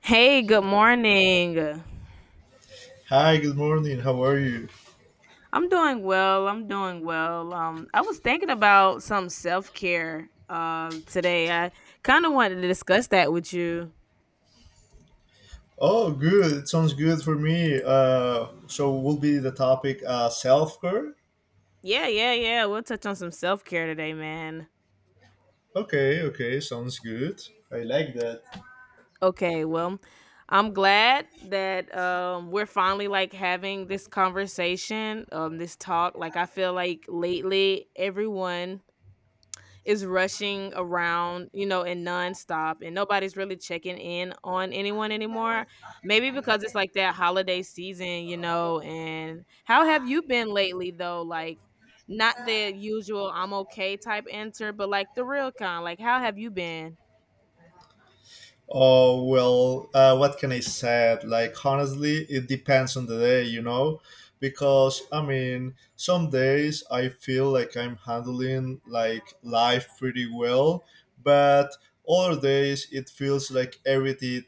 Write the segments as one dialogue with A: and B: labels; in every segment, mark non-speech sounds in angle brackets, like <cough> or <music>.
A: Hey, good morning.
B: Hi, good morning. How are you?
A: I'm doing well. I'm doing well. I was thinking about some self care today. I kind of wanted to discuss that with you.
B: Oh, good. It sounds good for me. So will be the topic self care.
A: Yeah, yeah, yeah. We'll touch on some self care today, man.
B: Okay, okay, sounds good. I like that.
A: Okay, well, I'm glad that we're finally like having this conversation, this talk. Like I feel like lately everyone is rushing around, you know, and nonstop, and nobody's really checking in on anyone anymore. Maybe because it's like that holiday season, you know. And how have you been lately, though? Like, not the usual "I'm okay" type answer, but like the real kind. Like, how have you been?
B: Oh well, what can I say? Like honestly, it depends on the day, you know, because I mean, some days I feel like I'm handling like life pretty well, but other days it feels like everything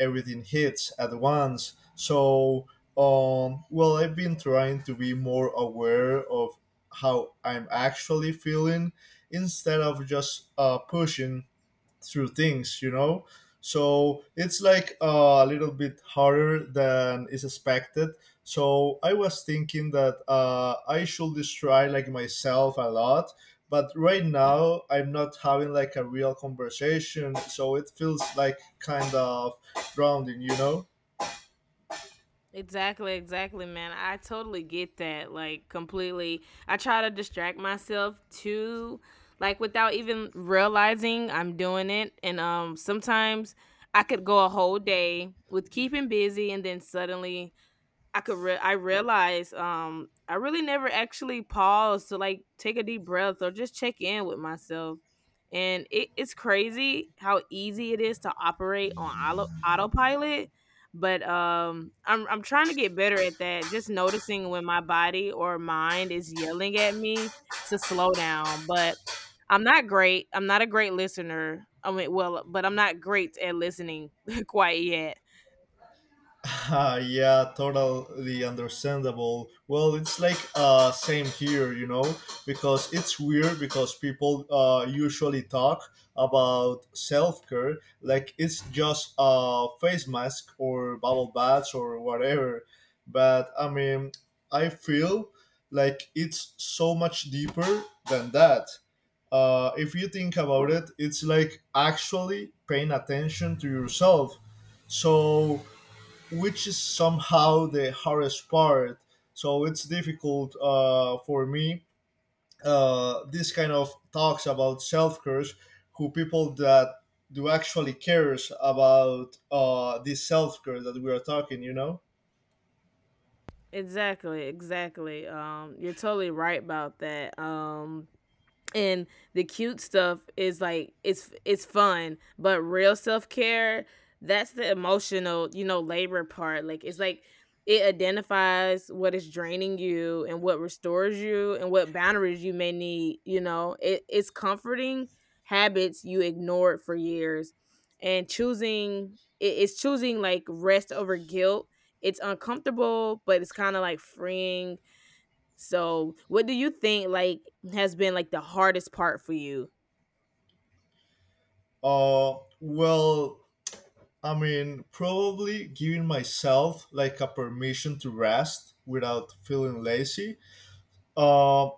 B: everything hits at once. So, well, I've been trying to be more aware of how I'm actually feeling instead of just pushing through things. So it's like a little bit harder than is expected, so I was thinking that I should just try like myself a lot, but right now I'm not having like a real conversation, so it feels like kind of grounding, you know.
A: Exactly, exactly, man. I totally get that. Like completely. I try to distract myself too, like without even realizing I'm doing it. And sometimes I could go a whole day with keeping busy and then suddenly I realized I really never actually paused to like take a deep breath or just check in with myself. And it's crazy how easy it is to operate on autopilot. But I'm trying to get better at that. Just noticing when my body or mind is yelling at me to slow down. But I'm not great. I'm not a great listener. I mean, well, but I'm not great at listening <laughs> quite yet.
B: <laughs> Ah, yeah, totally understandable. Well, it's like same here, you know, because it's weird because people usually talk about self care like it's just a face mask or bubble baths or whatever. But I mean, I feel like it's so much deeper than that. If you think about it, it's like actually paying attention to yourself. So which is somehow the hardest part. So it's difficult for me. This kind of talks about self care who people that do actually cares about this self care that we are talking. You know,
A: Exactly, exactly. You're totally right about that. And the cute stuff is like it's fun, but real self-care, that's the emotional, you know, labor part. Like it's like it identifies what is draining you and what restores you and what boundaries you may need, you know. It's comforting habits you ignored for years, and it's choosing like rest over guilt. It's uncomfortable, but it's kind of like freeing. So, what do you think like has been like the hardest part for you?
B: well, I mean, probably giving myself like a permission to rest without feeling lazy. Uh,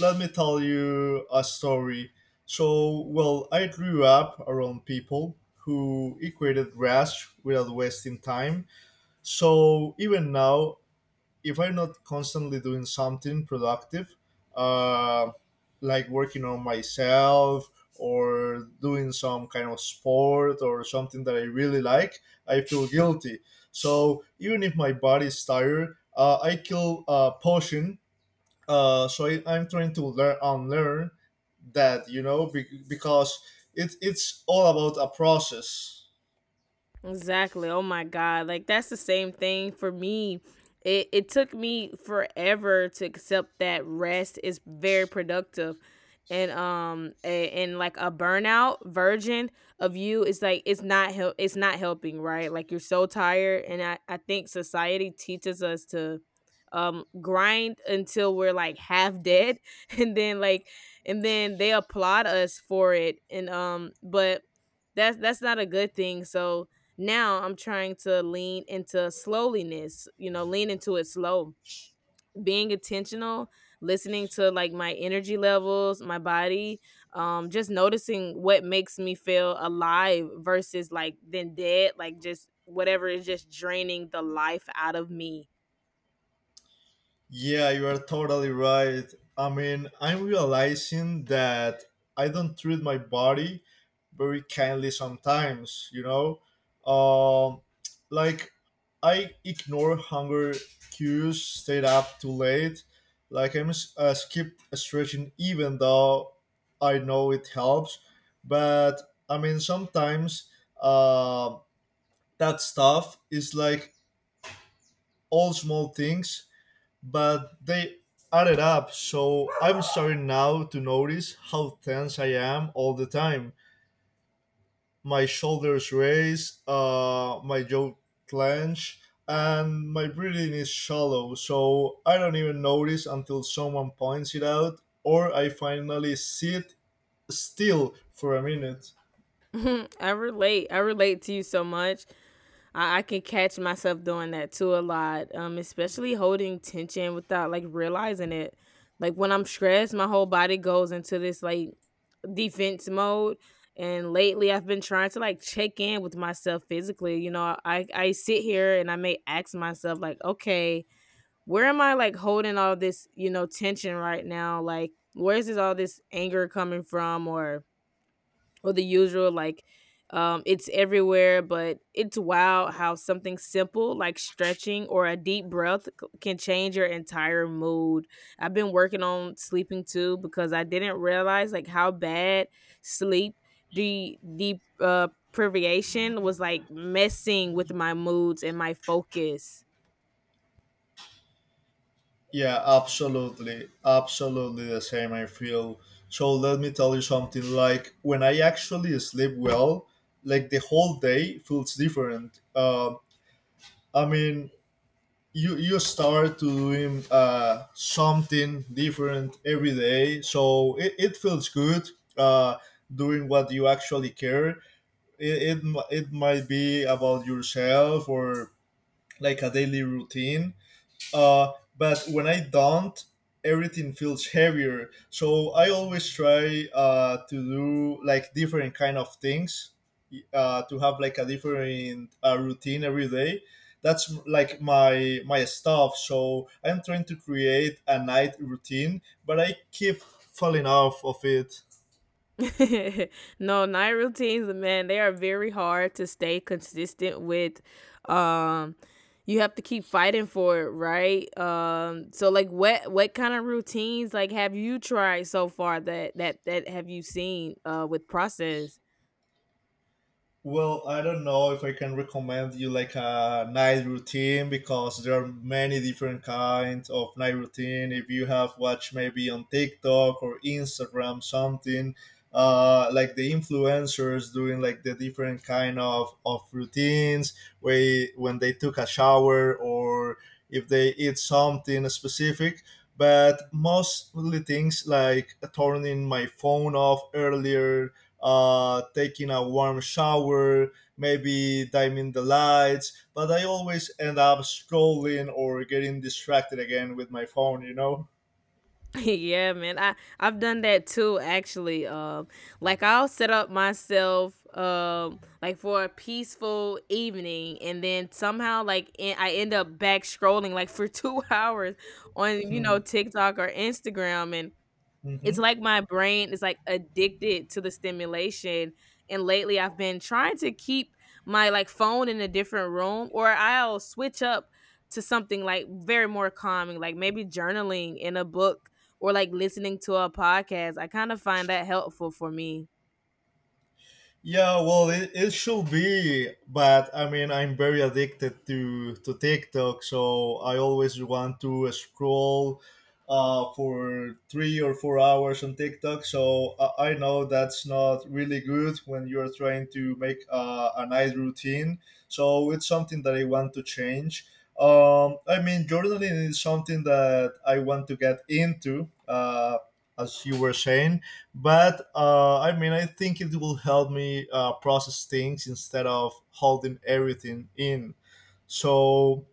B: let me tell you a story. So, well, I grew up around people who equated rest without wasting time. So, even now, if I'm not constantly doing something productive, uh, like working on myself or doing some kind of sport or something that I really like, I feel guilty. So, even if my body's tired, I kill a potion, so I'm trying to learn unlearn that, you know, because it's all about a process.
A: Exactly. Oh my God. Like that's the same thing for me. It took me forever to accept that rest is very productive. And like a burnout version of you is like it's not helping, right? Like you're so tired, and I think society teaches us to grind until we're like half dead <laughs> and then like and then they applaud us for it, and but that's not a good thing. So now I'm trying to lean into slowliness, you know, lean into it slow. Being intentional, listening to like my energy levels, my body, just noticing what makes me feel alive versus like then dead, like just whatever is just draining the life out of me.
B: Yeah, you are totally right. I mean, I'm realizing that I don't treat my body very kindly sometimes, you know? Um, like, I ignore hunger cues, stayed up too late. Like, skip stretching even though I know it helps. But, I mean, sometimes uh, that stuff is like all small things but they added up. So I'm starting now to notice how tense I am all the time. My shoulders raise, my jaw clench, and my breathing is shallow. So I don't even notice until someone points it out, or I finally sit still for a minute.
A: <laughs> I relate. I relate to you so much. I can catch myself doing that too a lot, especially holding tension without like realizing it. Like when I'm stressed, my whole body goes into this like defense mode. And lately, I've been trying to like check in with myself physically. You know, I sit here and I may ask myself like, okay, where am I like holding all this, you know, tension right now? Like, where is this all this anger coming from? Or the usual like it's everywhere, but it's wild how something simple like stretching or a deep breath can change your entire mood. I've been working on sleeping too, because I didn't realize like how bad sleep deep privation was like messing with my moods and my focus.
B: Yeah, absolutely. Absolutely the same, I feel. So let me tell you something like when I actually sleep well, like the whole day feels different. I mean, you start to doing something different every day. So it feels good uh, doing what you actually care. It might be about yourself or like a daily routine, uh, but when I don't, everything feels heavier. So I always try to do like different kind of things to have like a different routine every day. That's like my stuff. So I'm trying to create a night routine, but I keep falling off of it.
A: <laughs> No, night routines, man, they are very hard to stay consistent with. Um, you have to keep fighting for it, right? So like, what kind of routines like have you tried so far that have you seen with process?
B: Well, I don't know if I can recommend you like a night routine because there are many different kinds of night routine. If you have watched maybe on TikTok or Instagram something, like the influencers doing like the different kind of routines where when they took a shower or if they eat something specific. But mostly things like turning my phone off earlier, taking a warm shower, maybe dimming the lights, but I always end up scrolling or getting distracted again with my phone, you know?
A: <laughs> Yeah, man. I I've done that too, actually. Like I'll set up myself like for a peaceful evening and then somehow I end up back scrolling like for <laughs> 2 hours on, you know,
B: <laughs>
A: TikTok or Instagram. It's
B: Hmm.
A: like my brain is like addicted to the stimulation, and lately I've been trying to keep my like phone in a different room, or I'll switch up to something like very more calming, like maybe journaling in a book or like listening to a podcast. I kind of find that helpful for me.
B: Yeah, well, it should be, but I mean, I'm very addicted to TikTok, so I always want to scroll for 3 or 4 hours on TikTok. So I know that's not really good when you're trying to make a night routine. So it's something that I want to change. I mean, journaling is something that I want to get into, as you were saying, but I mean I think it will help me process things instead of holding everything in. So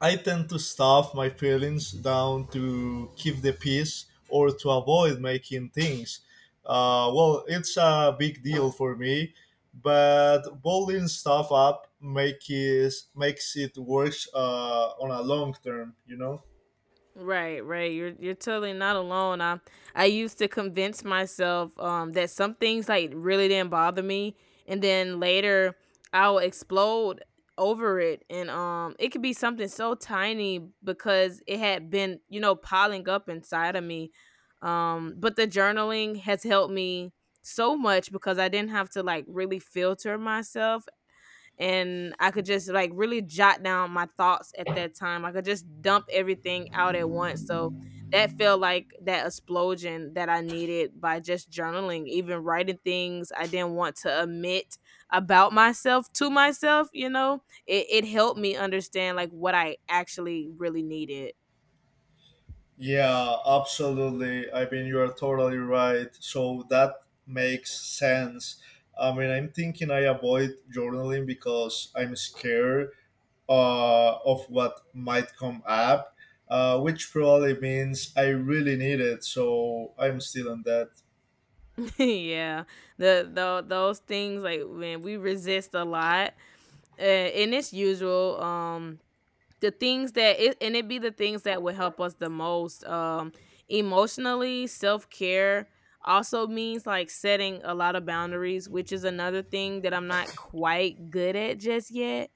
B: I tend to stuff my feelings down to keep the peace or to avoid making things, well it's a big deal for me, but bottling stuff up makes it worse on a long term, you know.
A: Right, right. You're totally not alone. I used to convince myself that some things like really didn't bother me, and then later I'll explode over it, and it could be something so tiny because it had been, you know, piling up inside of me. But the journaling has helped me so much because I didn't have to like really filter myself, and I could just like really jot down my thoughts at that time. I could just dump everything out at once. So that felt like that explosion that I needed by just journaling, even writing things I didn't want to admit about myself to myself, you know. It helped me understand like what I actually really needed.
B: Yeah, absolutely. I mean, you are totally right. So that makes sense. I mean, I'm thinking I avoid journaling because I'm scared of what might come up, which probably means I really need it. So I'm still on that.
A: <laughs> Yeah, the those things like when we resist a lot, and it's usual. The things that it and it be the things that would help us the most, emotionally. Self-care also means like setting a lot of boundaries, which is another thing that I'm not quite good at just yet.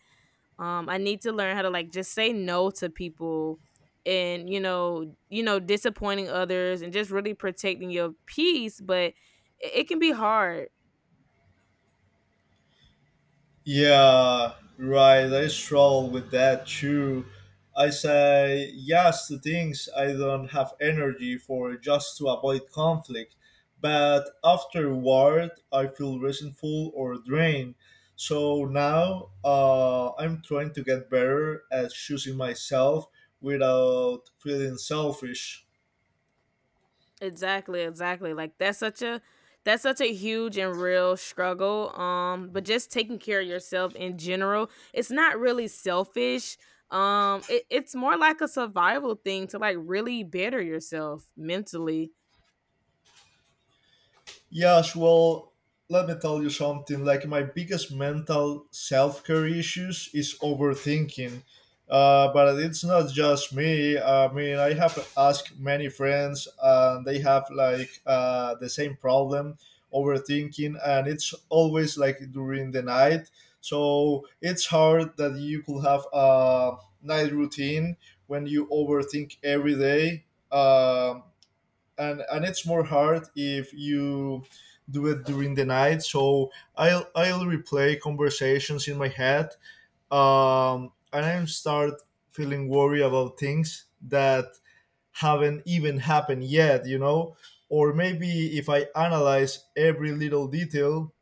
A: I need to learn how to like just say no to people, and you know, disappointing others and just really protecting your peace, but it can be hard.
B: Yeah, right. I struggle with that too. I say yes to things I don't have energy for just to avoid conflict, but afterward I feel resentful or drained. So now I'm trying to get better at choosing myself without feeling selfish.
A: Exactly, exactly. Like that's such a huge and real struggle. But just taking care of yourself in general, it's not really selfish. It's more like a survival thing to like really better yourself mentally.
B: Yes, well, let me tell you something. Like my biggest mental self care issues is overthinking. But it's not just me. I mean, I have asked many friends, and they have like the same problem, overthinking, and it's always like during the night. So it's hard that you could have a night routine when you overthink every day. Um, and it's more hard if you do it during the night. So I'll replay conversations in my head, and I start feeling worried about things that haven't even happened yet. You know, or maybe if I analyze every little detail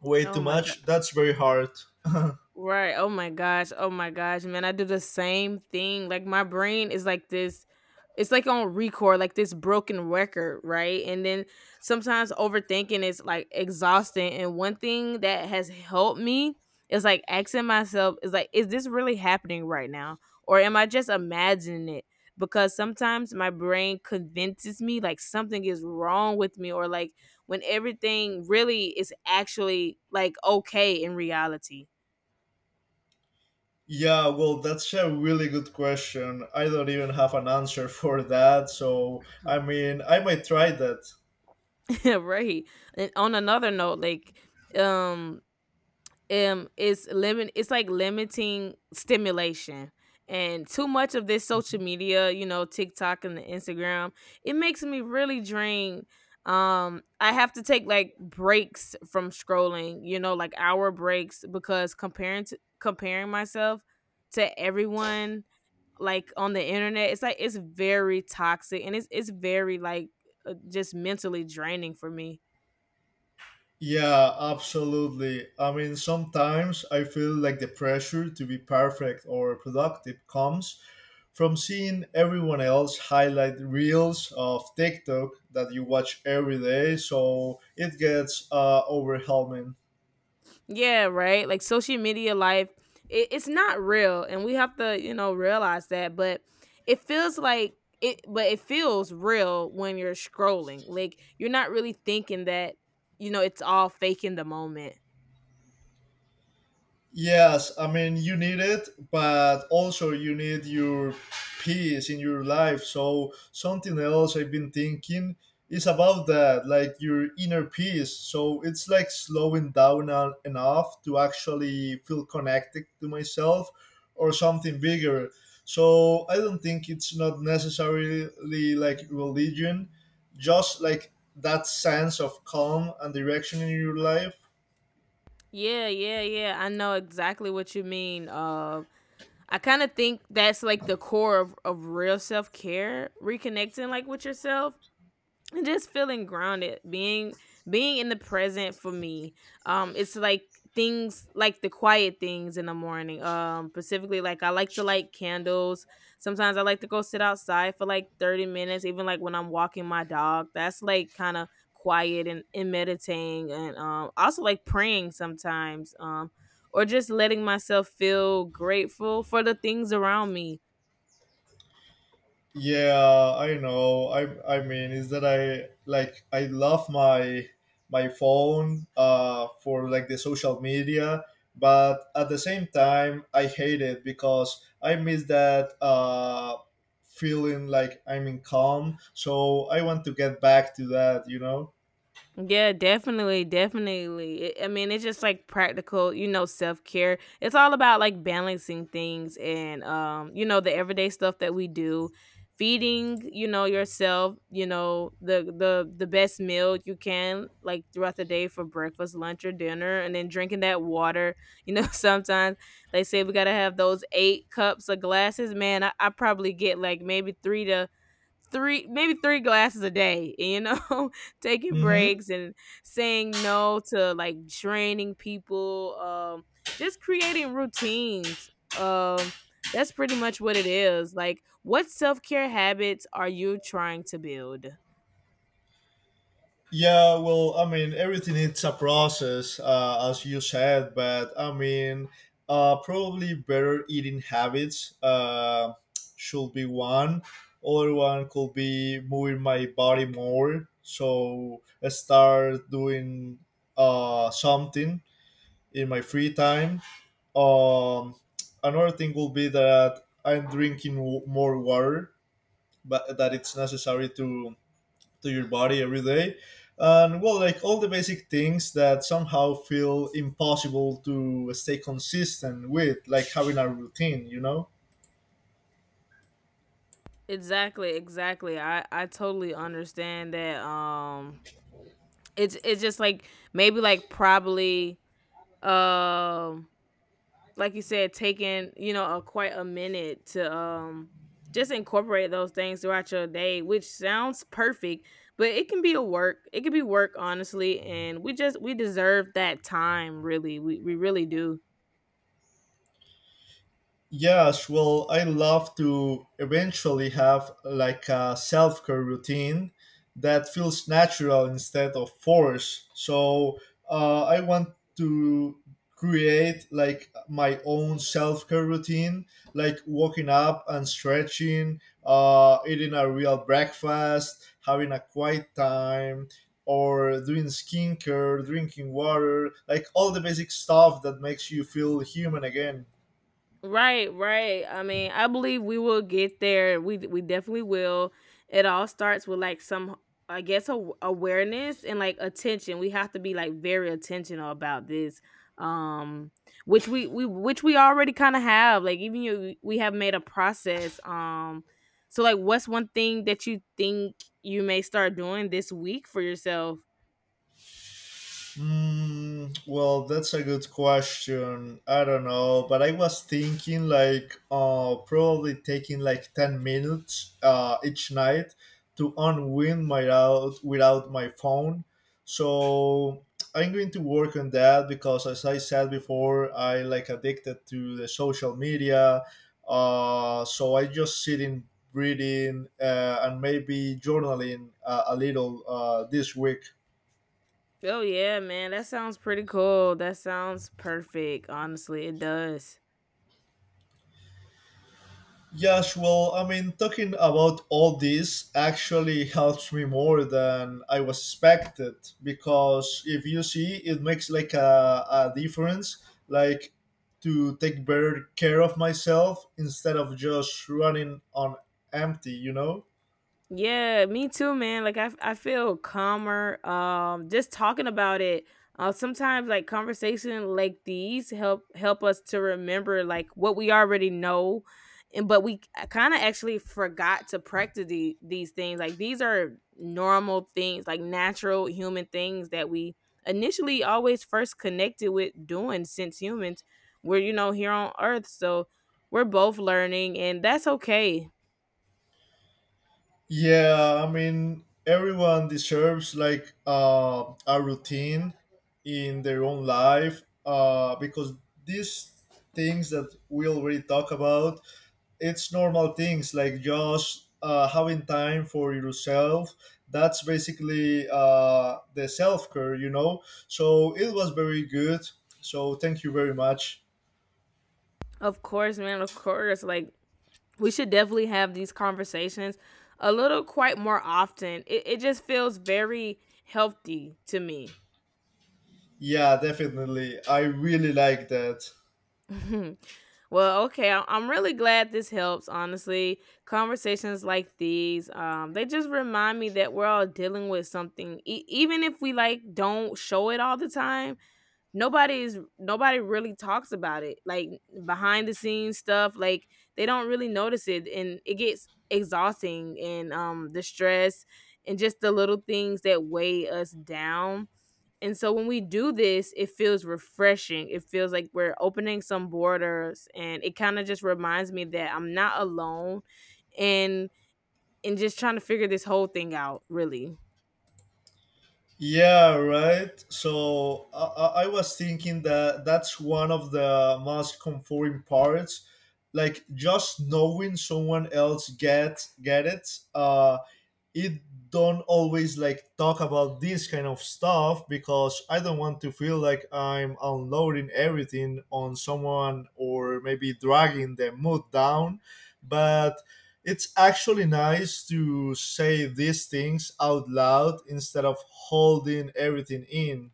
B: way
A: Oh
B: too
A: my god.
B: much, that's very hard.
A: Right. Oh my gosh. Oh my gosh, man. I do the same thing. Like my brain is like this, it's like on record, like this broken record, right? And then sometimes overthinking is like exhausting. And one thing that has helped me is like asking myself, is like, is this really happening right now? Or am I just imagining it? Because sometimes my brain convinces me like something is wrong with me, or like when everything really is actually like okay in reality.
B: Yeah, well, that's a really good question. I don't even have an answer for that. So I mean, I might try that.
A: <laughs> Yeah, right. And on another note, like um it's like limiting stimulation. And too much of this social media, you know, TikTok and the Instagram, it makes me really drained. I have to take like breaks from scrolling, you know, like hour breaks, because comparing myself to everyone like on the internet, it's like it's very toxic and it's very like just mentally draining for me.
B: Yeah, absolutely. I mean, sometimes I feel like the pressure to be perfect or productive comes from seeing everyone else highlight reels of TikTok that you watch every day, so it gets overwhelming.
A: Yeah, right. Like social media life, it's not real, and we have to, you know, realize that. But it feels like it feels real when you're scrolling. Like you're not really thinking that, you know, it's all fake in the moment.
B: Yes, I mean you need it, but also you need your peace in your life. So something else I've been thinking is about that, like your inner peace. So it's like slowing down on, enough to actually feel connected to myself or something bigger. So I don't think it's not necessarily like religion, just like that sense of calm and direction in your life.
A: Yeah, yeah, yeah. I know exactly what you mean. I kind of think that's like the core of real self care, reconnecting like with yourself. And just feeling grounded, being in the present for me it's like things like the quiet things in the morning, specifically like I like to light candles, sometimes I like to go sit outside for like 30 minutes, even like when I'm walking my dog, that's like kind of quiet, and meditating and also like praying sometimes, or just letting myself feel grateful for the things around me.
B: Yeah, I know. I mean, is that I like I love my phone for like the social media, but at the same time I hate it because I miss that feeling like I'm in calm. So I want to get back to that, you know.
A: Yeah, definitely, definitely. I mean, it's just like practical, you know, self care. It's all about like balancing things and, you know, the everyday stuff that we do, feeding, you know, yourself, you know, the best meal you can like throughout the day for breakfast, lunch, or dinner, and then drinking that water. You know, <laughs> sometimes they say we gotta have those 8 cups of glasses. Man, I probably get like maybe three to three maybe three glasses a day, you know. <laughs> Taking
B: Mhm.
A: breaks and saying no to like draining people, just creating routines, um that's pretty much what it is. Like, what self-care habits are you trying to build?
B: Yeah, well, I mean, everything it's a process, as you said, but I mean, probably better eating habits should be one. Other one could be moving my body more. So I start doing something in my free time. Um, another thing will be that I'm more water, but that it's necessary to your body every day, and well, like all the basic things that somehow feel impossible to stay consistent with, like having a routine, you know.
A: Exactly, exactly. I totally understand that. It's just like maybe like probably um like you said, taking, you know, a quite a minute to just incorporate those things throughout your day, which sounds perfect, but it can be a work. It can be work, honestly, and we deserve that time, really. We really do.
B: Yes, well, I love to eventually have like a self care routine that feels natural instead of forced. So I want to create like my own self care routine, like waking up and stretching, eating a real breakfast, having a quiet time. Or doing skincare, drinking water, like all the basic stuff that makes you feel human again.
A: Right, right. I mean, I believe we will get there. We definitely will. It all starts with like I guess, awareness and like attention. We have to be like very attentional about this, um, which we already kind of have. Like even you, we have made a process. So like, what's one thing that you think you may start doing this week for yourself?
B: Mm, well, that's a good question. I don't know, but I was thinking like probably taking like 10 minutes each night to unwind my out without my phone. So I'm going to work on that because as I said before, I like addicted to the social media. Uh, so I just sitting reading and maybe journaling a little this week.
A: Oh yeah, man, that sounds pretty cool. That sounds perfect. Honestly, it does.
B: Yes, well, I mean, talking about all this actually helps me more than I was expected because if you see, it makes like a difference, like to take better care of myself instead of just running on empty, you know?
A: Yeah, me too, man. I feel calmer. Just talking about it. Sometimes like conversation like these help us to remember like what we already know, and but we kind of actually forgot to practice these things. Like these are normal things, like natural human things that we initially always first connected with doing since humans were, you know, here on Earth. So we're both learning, and that's okay.
B: Yeah, I mean, everyone deserves like a routine in their own life because these things that we already talk about, it's normal things like just having time for yourself. That's basically the self care, you know. So it was very good. So thank you very much.
A: Of course, man. Of course. Like, we should definitely have these conversations a little quite more often. It just feels very healthy to me.
B: Yeah, definitely. I really like that.
A: <laughs> Well, okay. I'm really glad this helps, honestly. Conversations like these, they just remind me that we're all dealing with something, even if we like don't show it all the time. Nobody really talks about it, like behind the scenes stuff, like they don't really notice it, and it gets exhausting, and the stress and just the little things that weigh us down. And so when we do this, it feels refreshing. It feels like we're opening some borders, and it kind of just reminds me that I'm not alone, and and just trying to figure this whole thing out, really.
B: Yeah, right. So I was thinking that that's one of the most comforting parts, like just knowing someone else get it. It don't always like talk about this kind of stuff because I don't want to feel like I'm unloading everything on someone or maybe dragging their mood down. But it's actually nice to say these things out loud instead of holding everything in.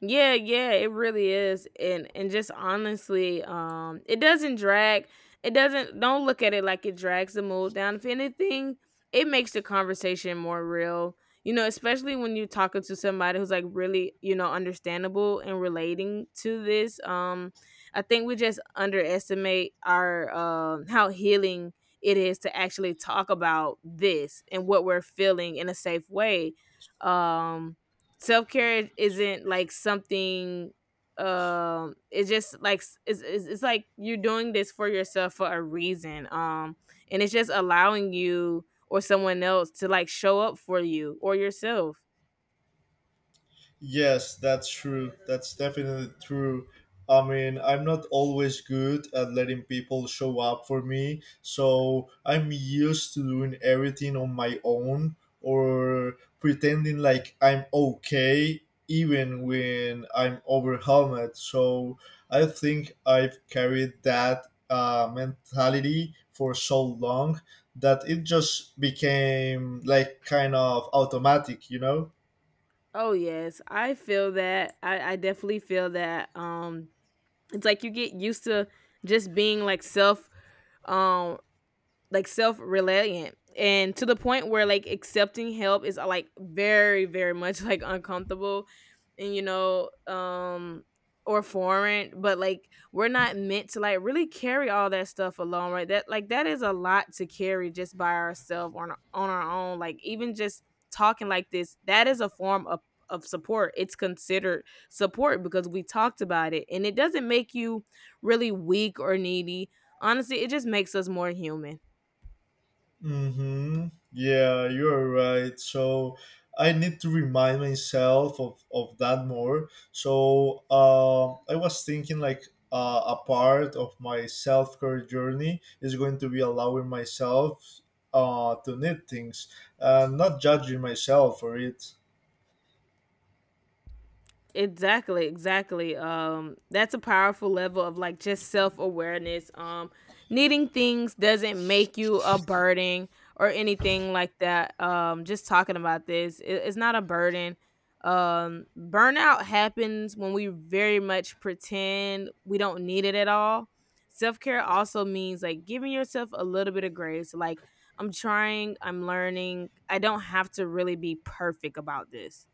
A: Yeah, yeah, it really is. And just honestly, it doesn't drag, it doesn't don't look at it like it drags the mood down. If anything, it makes the conversation more real. You know, especially when you're talking to somebody who's like really, you know, understandable and relating to this. I think we just underestimate our how healing it is to actually talk about this and what we're feeling in a safe way. Um self care isn't like something, it's just like it's, it's like you're doing this for yourself for a reason, and it's just allowing you or someone else to like show up for you or yourself.
B: Yes, that's true. That's definitely true. I mean, I'm not always good at letting people show up for me, so I'm used to doing everything on my own or pretending like I'm okay even when I'm overwhelmed. So I think I've carried that mentality for so long that it just became like kind of automatic, you know?
A: Oh yes, I feel that. I definitely feel that. It's like you get used to just being like self, um like self-reliant, and to the point where like accepting help is like very much <laughs> like uncomfortable, and, you know, or foreign. But like we're not meant to like really carry all that stuff alone, right? that like that is a lot to carry just by ourselves, on our own. Like even just talking like this, that is a form of support. It's considered support because we talked about it, and it doesn't make you really weak or needy. Honestly, it just makes us more human.
B: Mm-hmm. Yeah, you're right. So I need to remind myself of that more. So I was thinking like a part of my self care journey is going to be allowing myself to need things and not judging myself for it.
A: Exactly, exactly. That's a powerful level of like just self awareness. Needing things doesn't make you a burden or anything like that. Just talking about this, it, it's not a burden. Burnout happens when we very much pretend we don't need it at all. Self care also means like giving yourself a little bit of grace. Like, I'm trying, I'm learning, I don't have to really be perfect about this.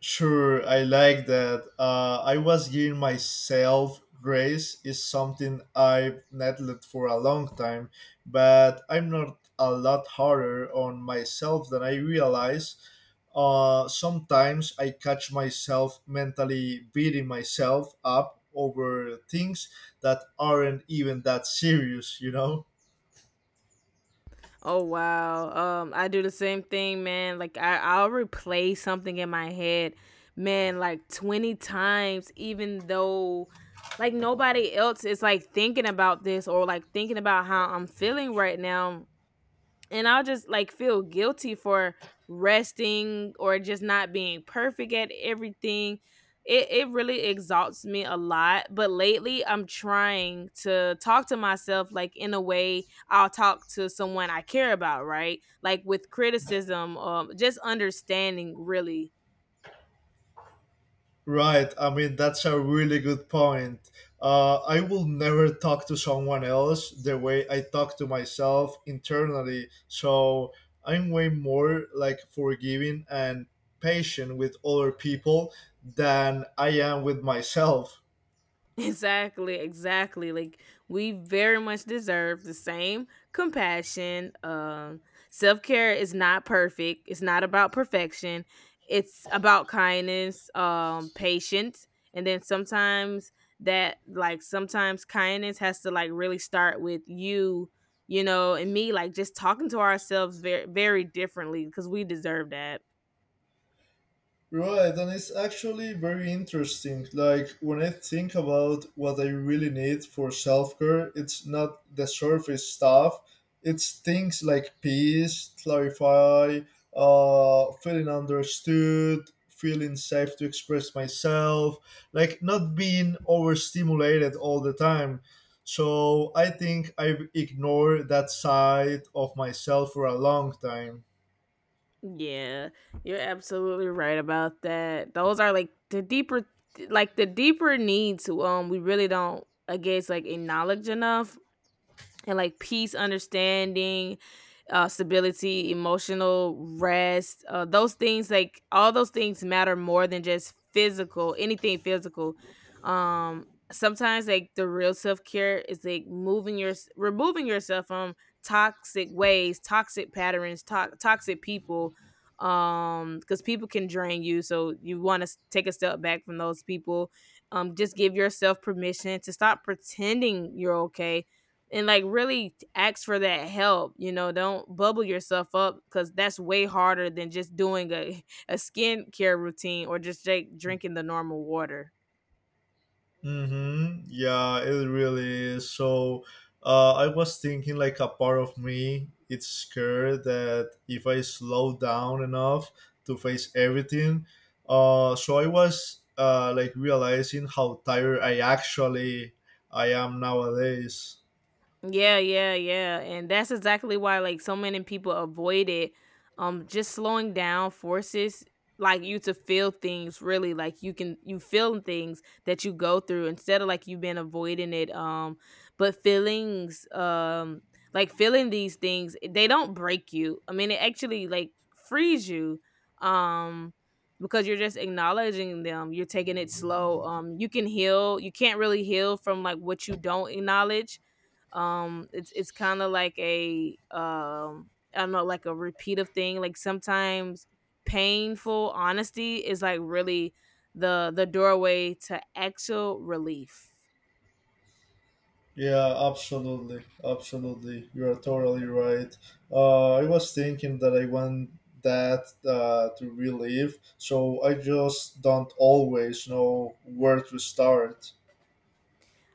B: Sure, I like that. I was giving myself grace is something I've neglected for a long time, but I'm not a lot harder on myself than I realize. Sometimes I catch myself mentally beating myself up over things that aren't even that serious, you know?
A: Oh wow. I do the same thing, man. I'll replay something in my head, man, like 20 times, even though like nobody else is like thinking about this or like thinking about how I'm feeling right now. And I'll just like feel guilty for resting or just not being perfect at everything. It really exalts me a lot, but lately I'm trying to talk to myself like in a way I'll talk to someone I care about, right? Like with criticism, just understanding, really.
B: Right. I mean, that's a really good point. I will never talk to someone else the way I talk to myself internally. So I'm way more like forgiving and patient with other people than I am with myself.
A: Exactly, exactly. Like we very much deserve the same compassion. Self-care is not perfect. It's not about perfection. It's about kindness, patience, and then sometimes that, like sometimes kindness has to like really start with you, you know, and me, like just talking to ourselves very differently because we deserve that.
B: Right, and it's actually very interesting. Like, when I think about what I really need for self care, it's not the surface stuff, it's things like peace, clarify, feeling understood, feeling safe to express myself, like not being overstimulated all the time. So, I think I've ignored that side of myself for a long time.
A: Yeah, you're absolutely right about that. Those are like the deeper needs. We really don't, I guess, like acknowledge enough, and like peace, understanding, stability, emotional rest. Those things, like all those things, matter more than just physical, anything physical. Sometimes like the real self care is like moving your, removing yourself from toxic ways, toxic patterns, toxic people. Because people can drain you, so you want to take a step back from those people. Just give yourself permission to stop pretending you're okay, and like really ask for that help. You know, don't bubble yourself up, because that's way harder than just doing a, <laughs> a skincare routine or just like drinking the normal water.
B: Mm-hmm. Yeah, it really is. So, I was thinking like a part of me, it's scared that if I slow down enough to face everything, so I was like realizing how tired I actually I am nowadays.
A: Yeah, yeah, yeah. And that's exactly why like so many people avoid it. Just slowing down forces like you to feel things, really. Like you can, you feel things that you go through instead of like you've been avoiding it. But feelings, like feeling these things, they don't break you. I mean, it actually like frees you, um because you're just acknowledging them. You're taking it slow. You can heal. You can't really heal from like what you don't acknowledge. It's kind of like a, I don't know, like a repeat of thing. Like sometimes painful honesty is like really the doorway to actual relief.
B: Yeah, absolutely, absolutely. You are totally right. I was thinking that I want that to relive, so I just don't always know where to start.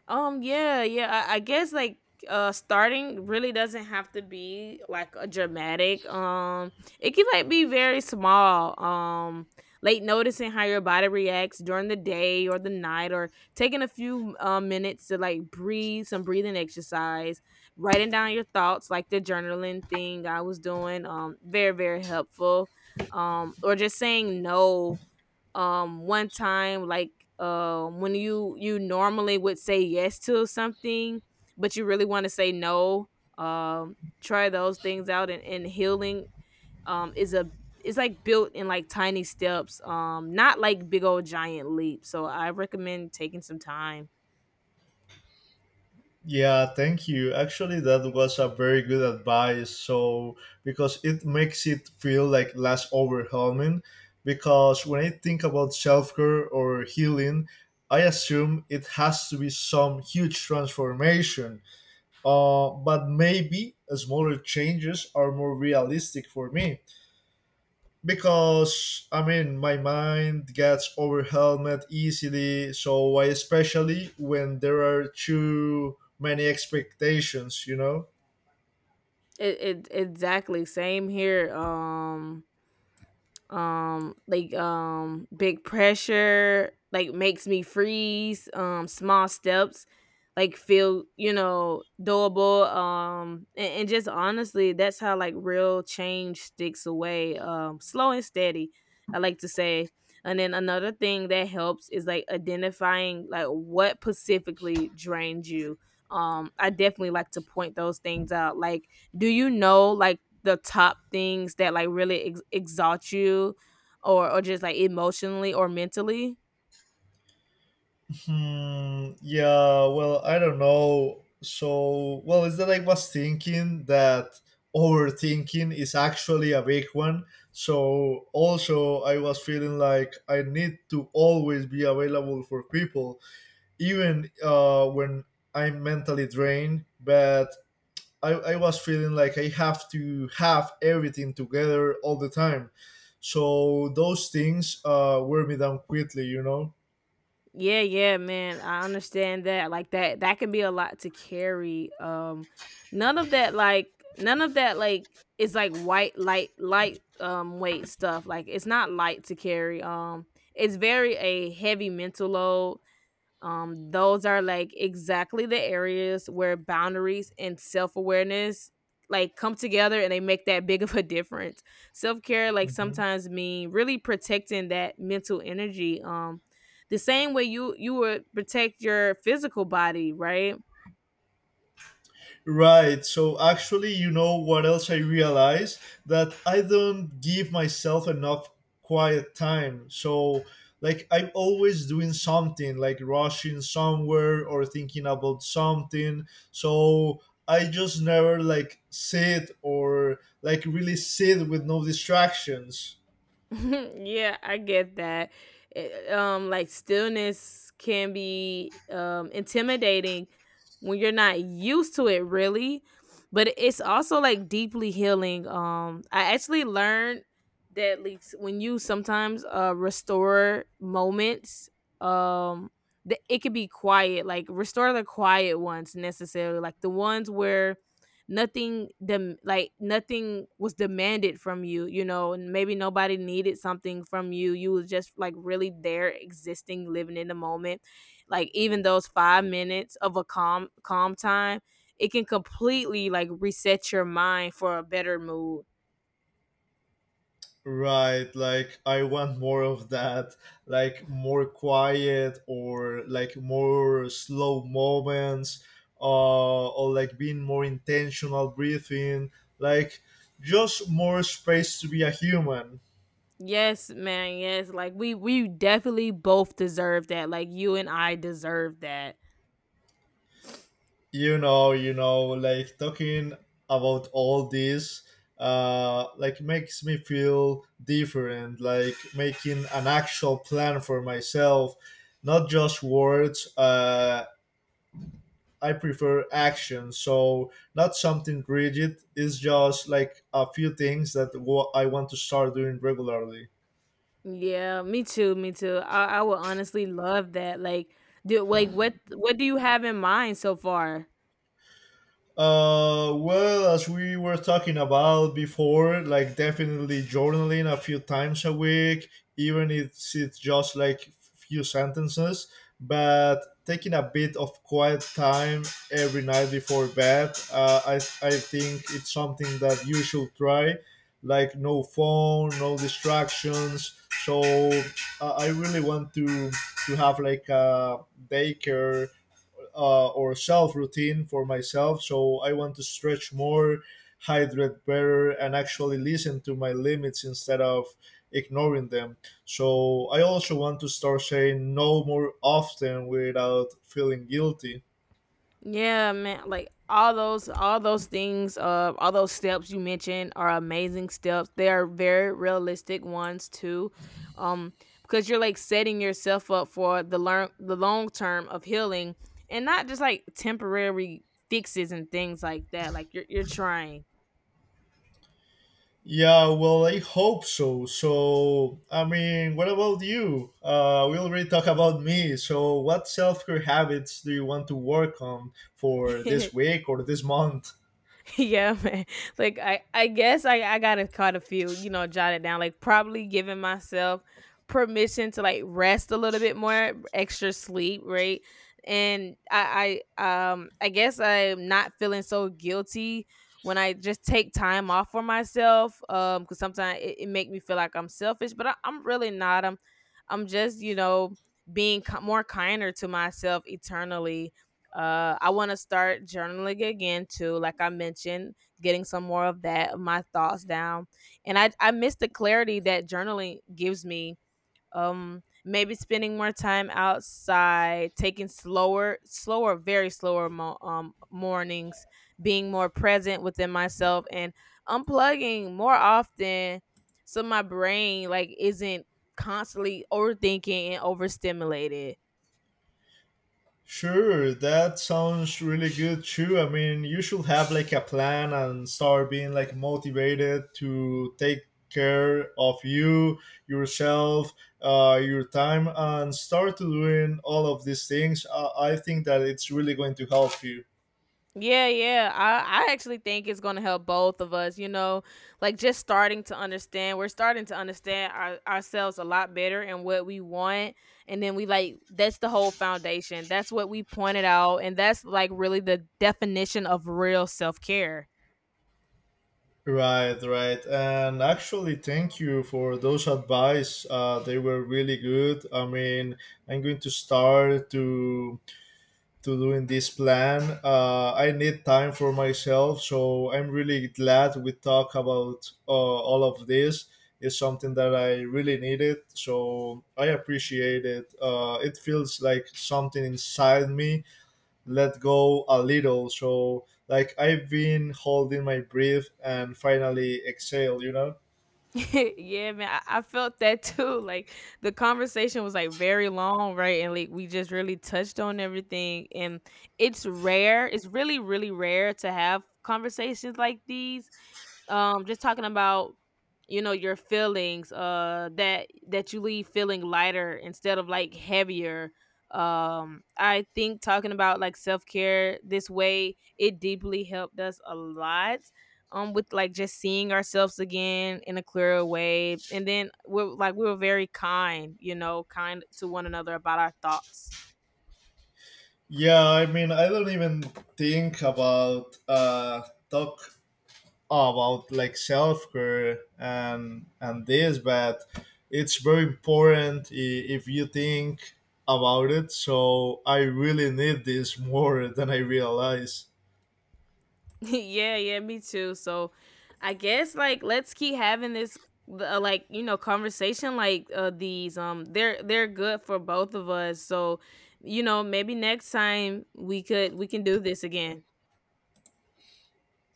A: Yeah, yeah. I guess like starting really doesn't have to be like a dramatic. It can like be very small. Late noticing how your body reacts during the day or the night, or taking a few minutes to like breathe, some breathing exercise, writing down your thoughts like the journaling thing I was doing. Very, very helpful. Or just saying no, one time, like when you normally would say yes to something, but you really want to say no, try those things out, and healing is a, it's like built in like tiny steps, not like big old giant leaps. So I recommend taking some time.
B: Yeah, thank you. Actually, that was a very good advice. So because it makes it feel like less overwhelming. Because when I think about self care or healing, I assume it has to be some huge transformation. But maybe smaller changes are more realistic for me because I mean my mind gets overwhelmed easily. So I especially when there are too many expectations, you know.
A: it, it exactly same here. Like big pressure like makes me freeze. Small steps like feel, you know, doable, and just honestly, that's how like real change sticks away, slow and steady, I like to say. And then another thing that helps is like identifying like what specifically drains you. I definitely like to point those things out, like do you know like the top things that like really exalt you, or just like emotionally or mentally?
B: Hmm, yeah, well, I don't know. So, well, is that I was thinking that overthinking is actually a big one. So, also, I was feeling like I need to always be available for people, even when I'm mentally drained. But I was feeling like I have to have everything together all the time. So, those things wear me down quickly, you know?
A: Yeah, yeah, man. I understand that. Like that that can be a lot to carry. None of that like none of that like is like white light weight stuff. Like it's not light to carry. It's very a heavy mental load. Those are like exactly the areas where boundaries and self awareness like come together, and they make that big of a difference. Self care like
B: Hmm.
A: sometimes mean really protecting that mental energy. The same way you would protect your physical body, right?
B: Right. So actually, you know what else I realized? That I don't give myself enough quiet time. So like I'm always doing something, like rushing somewhere or thinking about something. So I just never like sit or like really sit with no distractions.
A: <laughs> Yeah, I get that. Like stillness can be intimidating when you're not used to it, really. But it's also like deeply healing. I actually learned that like when you sometimes restore moments, um, that it could be quiet. Like restore the quiet ones necessarily, like the ones where nothing like nothing was demanded from you, you know, and maybe nobody needed something from you. You was just like really there, existing, living in the moment. Like even those 5 minutes of a calm time, it can completely like reset your mind for a better mood.
B: Right, like I want more of that, like more quiet or like more slow moments, or like being more intentional breathing, like just more space to be a human.
A: Yes, man, yes. Like we definitely both deserve that. Like you and I deserve that.
B: You know, like talking about all this, like makes me feel different, like making an actual plan for myself, not just words. Uh, I prefer action, so not something rigid. It's just like a few things that I want to start doing regularly.
A: Yeah, me too, me too. I would honestly love that. Like, do like what do you have in mind so far?
B: Well, as we were talking about before, like definitely journaling a few times a week, even if it's just like few sentences, but taking a bit of quiet time every night before bed, I think it's something that you should try. Like no phone, no distractions. So I really want to have like a daycare or self routine for myself. So I want to stretch more, hydrate better, and actually listen to my limits instead of ignoring them. So I also want to start saying no more often without feeling guilty.
A: Yeah, man. Like all those things, all those steps you mentioned are amazing steps. They are very realistic ones too, um, because you're like setting yourself up for the learn the long term of healing, and not just like temporary fixes and things like that. Like you're trying.
B: Yeah, well, I hope so. So, I mean, what about you? We already talked about me. So, what self care habits do you want to work on for this
A: <laughs>
B: week or this month?
A: <laughs> Yeah, man. <laughs> I guess I gotta cut a few, you know, jot it down. Like probably giving myself permission to like rest a little bit more, extra sleep, right? I guess I'm not feeling so guilty when I just take time off for myself, because sometimes it, it make me feel like I'm selfish, but I'm really not. I'm just, you know, being ki more kinder to myself eternally. I want to start journaling again too, like I mentioned, getting some more of that, of my thoughts down. And I miss the clarity that journaling gives me. Maybe spending more time outside, taking very slower mornings, being more present within myself, and unplugging more often, so my brain like isn't constantly overthinking and overstimulated.
B: Sure, that sounds really good too. I mean, you should have like a plan and start being like motivated to take care of you, yourself, your time, and start doing all of these things. I think that it's really going to help you.
A: Yeah, yeah. I actually think it's going to help both of us, you know, like just starting to understand. We're starting to understand ourselves a lot better and what we want. And then we like that's the whole foundation. That's what we pointed out, and that's like really the definition of real self-care.
B: Right, right. And actually, thank you for those advice. They were really good. I mean, I'm going to start to doing this plan. I need time for myself, so I'm really glad we talk about all of this. It's something that I really needed, so I appreciate it. It feels like something inside me let go a little. So, like I've been holding my breath and finally exhale. You know.
A: <laughs> Yeah, man. I felt that too. Like the conversation was like very long, right? And like we just really touched on everything, and it's rare. It's really rare to have conversations like these, just talking about, you know, your feelings, that that you leave feeling lighter instead of like heavier. I think talking about like self-care this way, it deeply helped us a lot, with like just seeing ourselves again in a clearer way. And then we're like, we were very kind, you know, kind to one another about our thoughts.
B: Yeah, I mean, I don't even think about talk about like self care and this, but it's very important if you think about it. So I really need this more <laughs> than I realize.
A: <laughs> Yeah, yeah, me too. So I guess like let's keep having this, like, you know, conversation like these, they're good for both of us. So, you know, maybe next time we can do this again.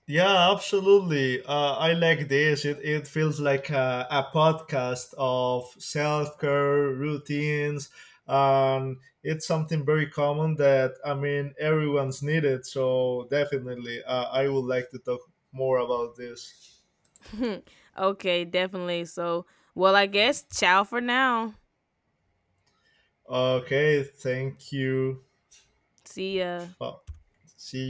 B: Yeah, absolutely. I like this. It feels like a podcast of self care routines. It's something very common that, I mean, everyone's needed. So definitely, I would like to talk more about this.
A: <laughs> Okay, definitely. So well, I guess ciao for now.
B: Okay, thank you.
A: See ya.
B: Well, see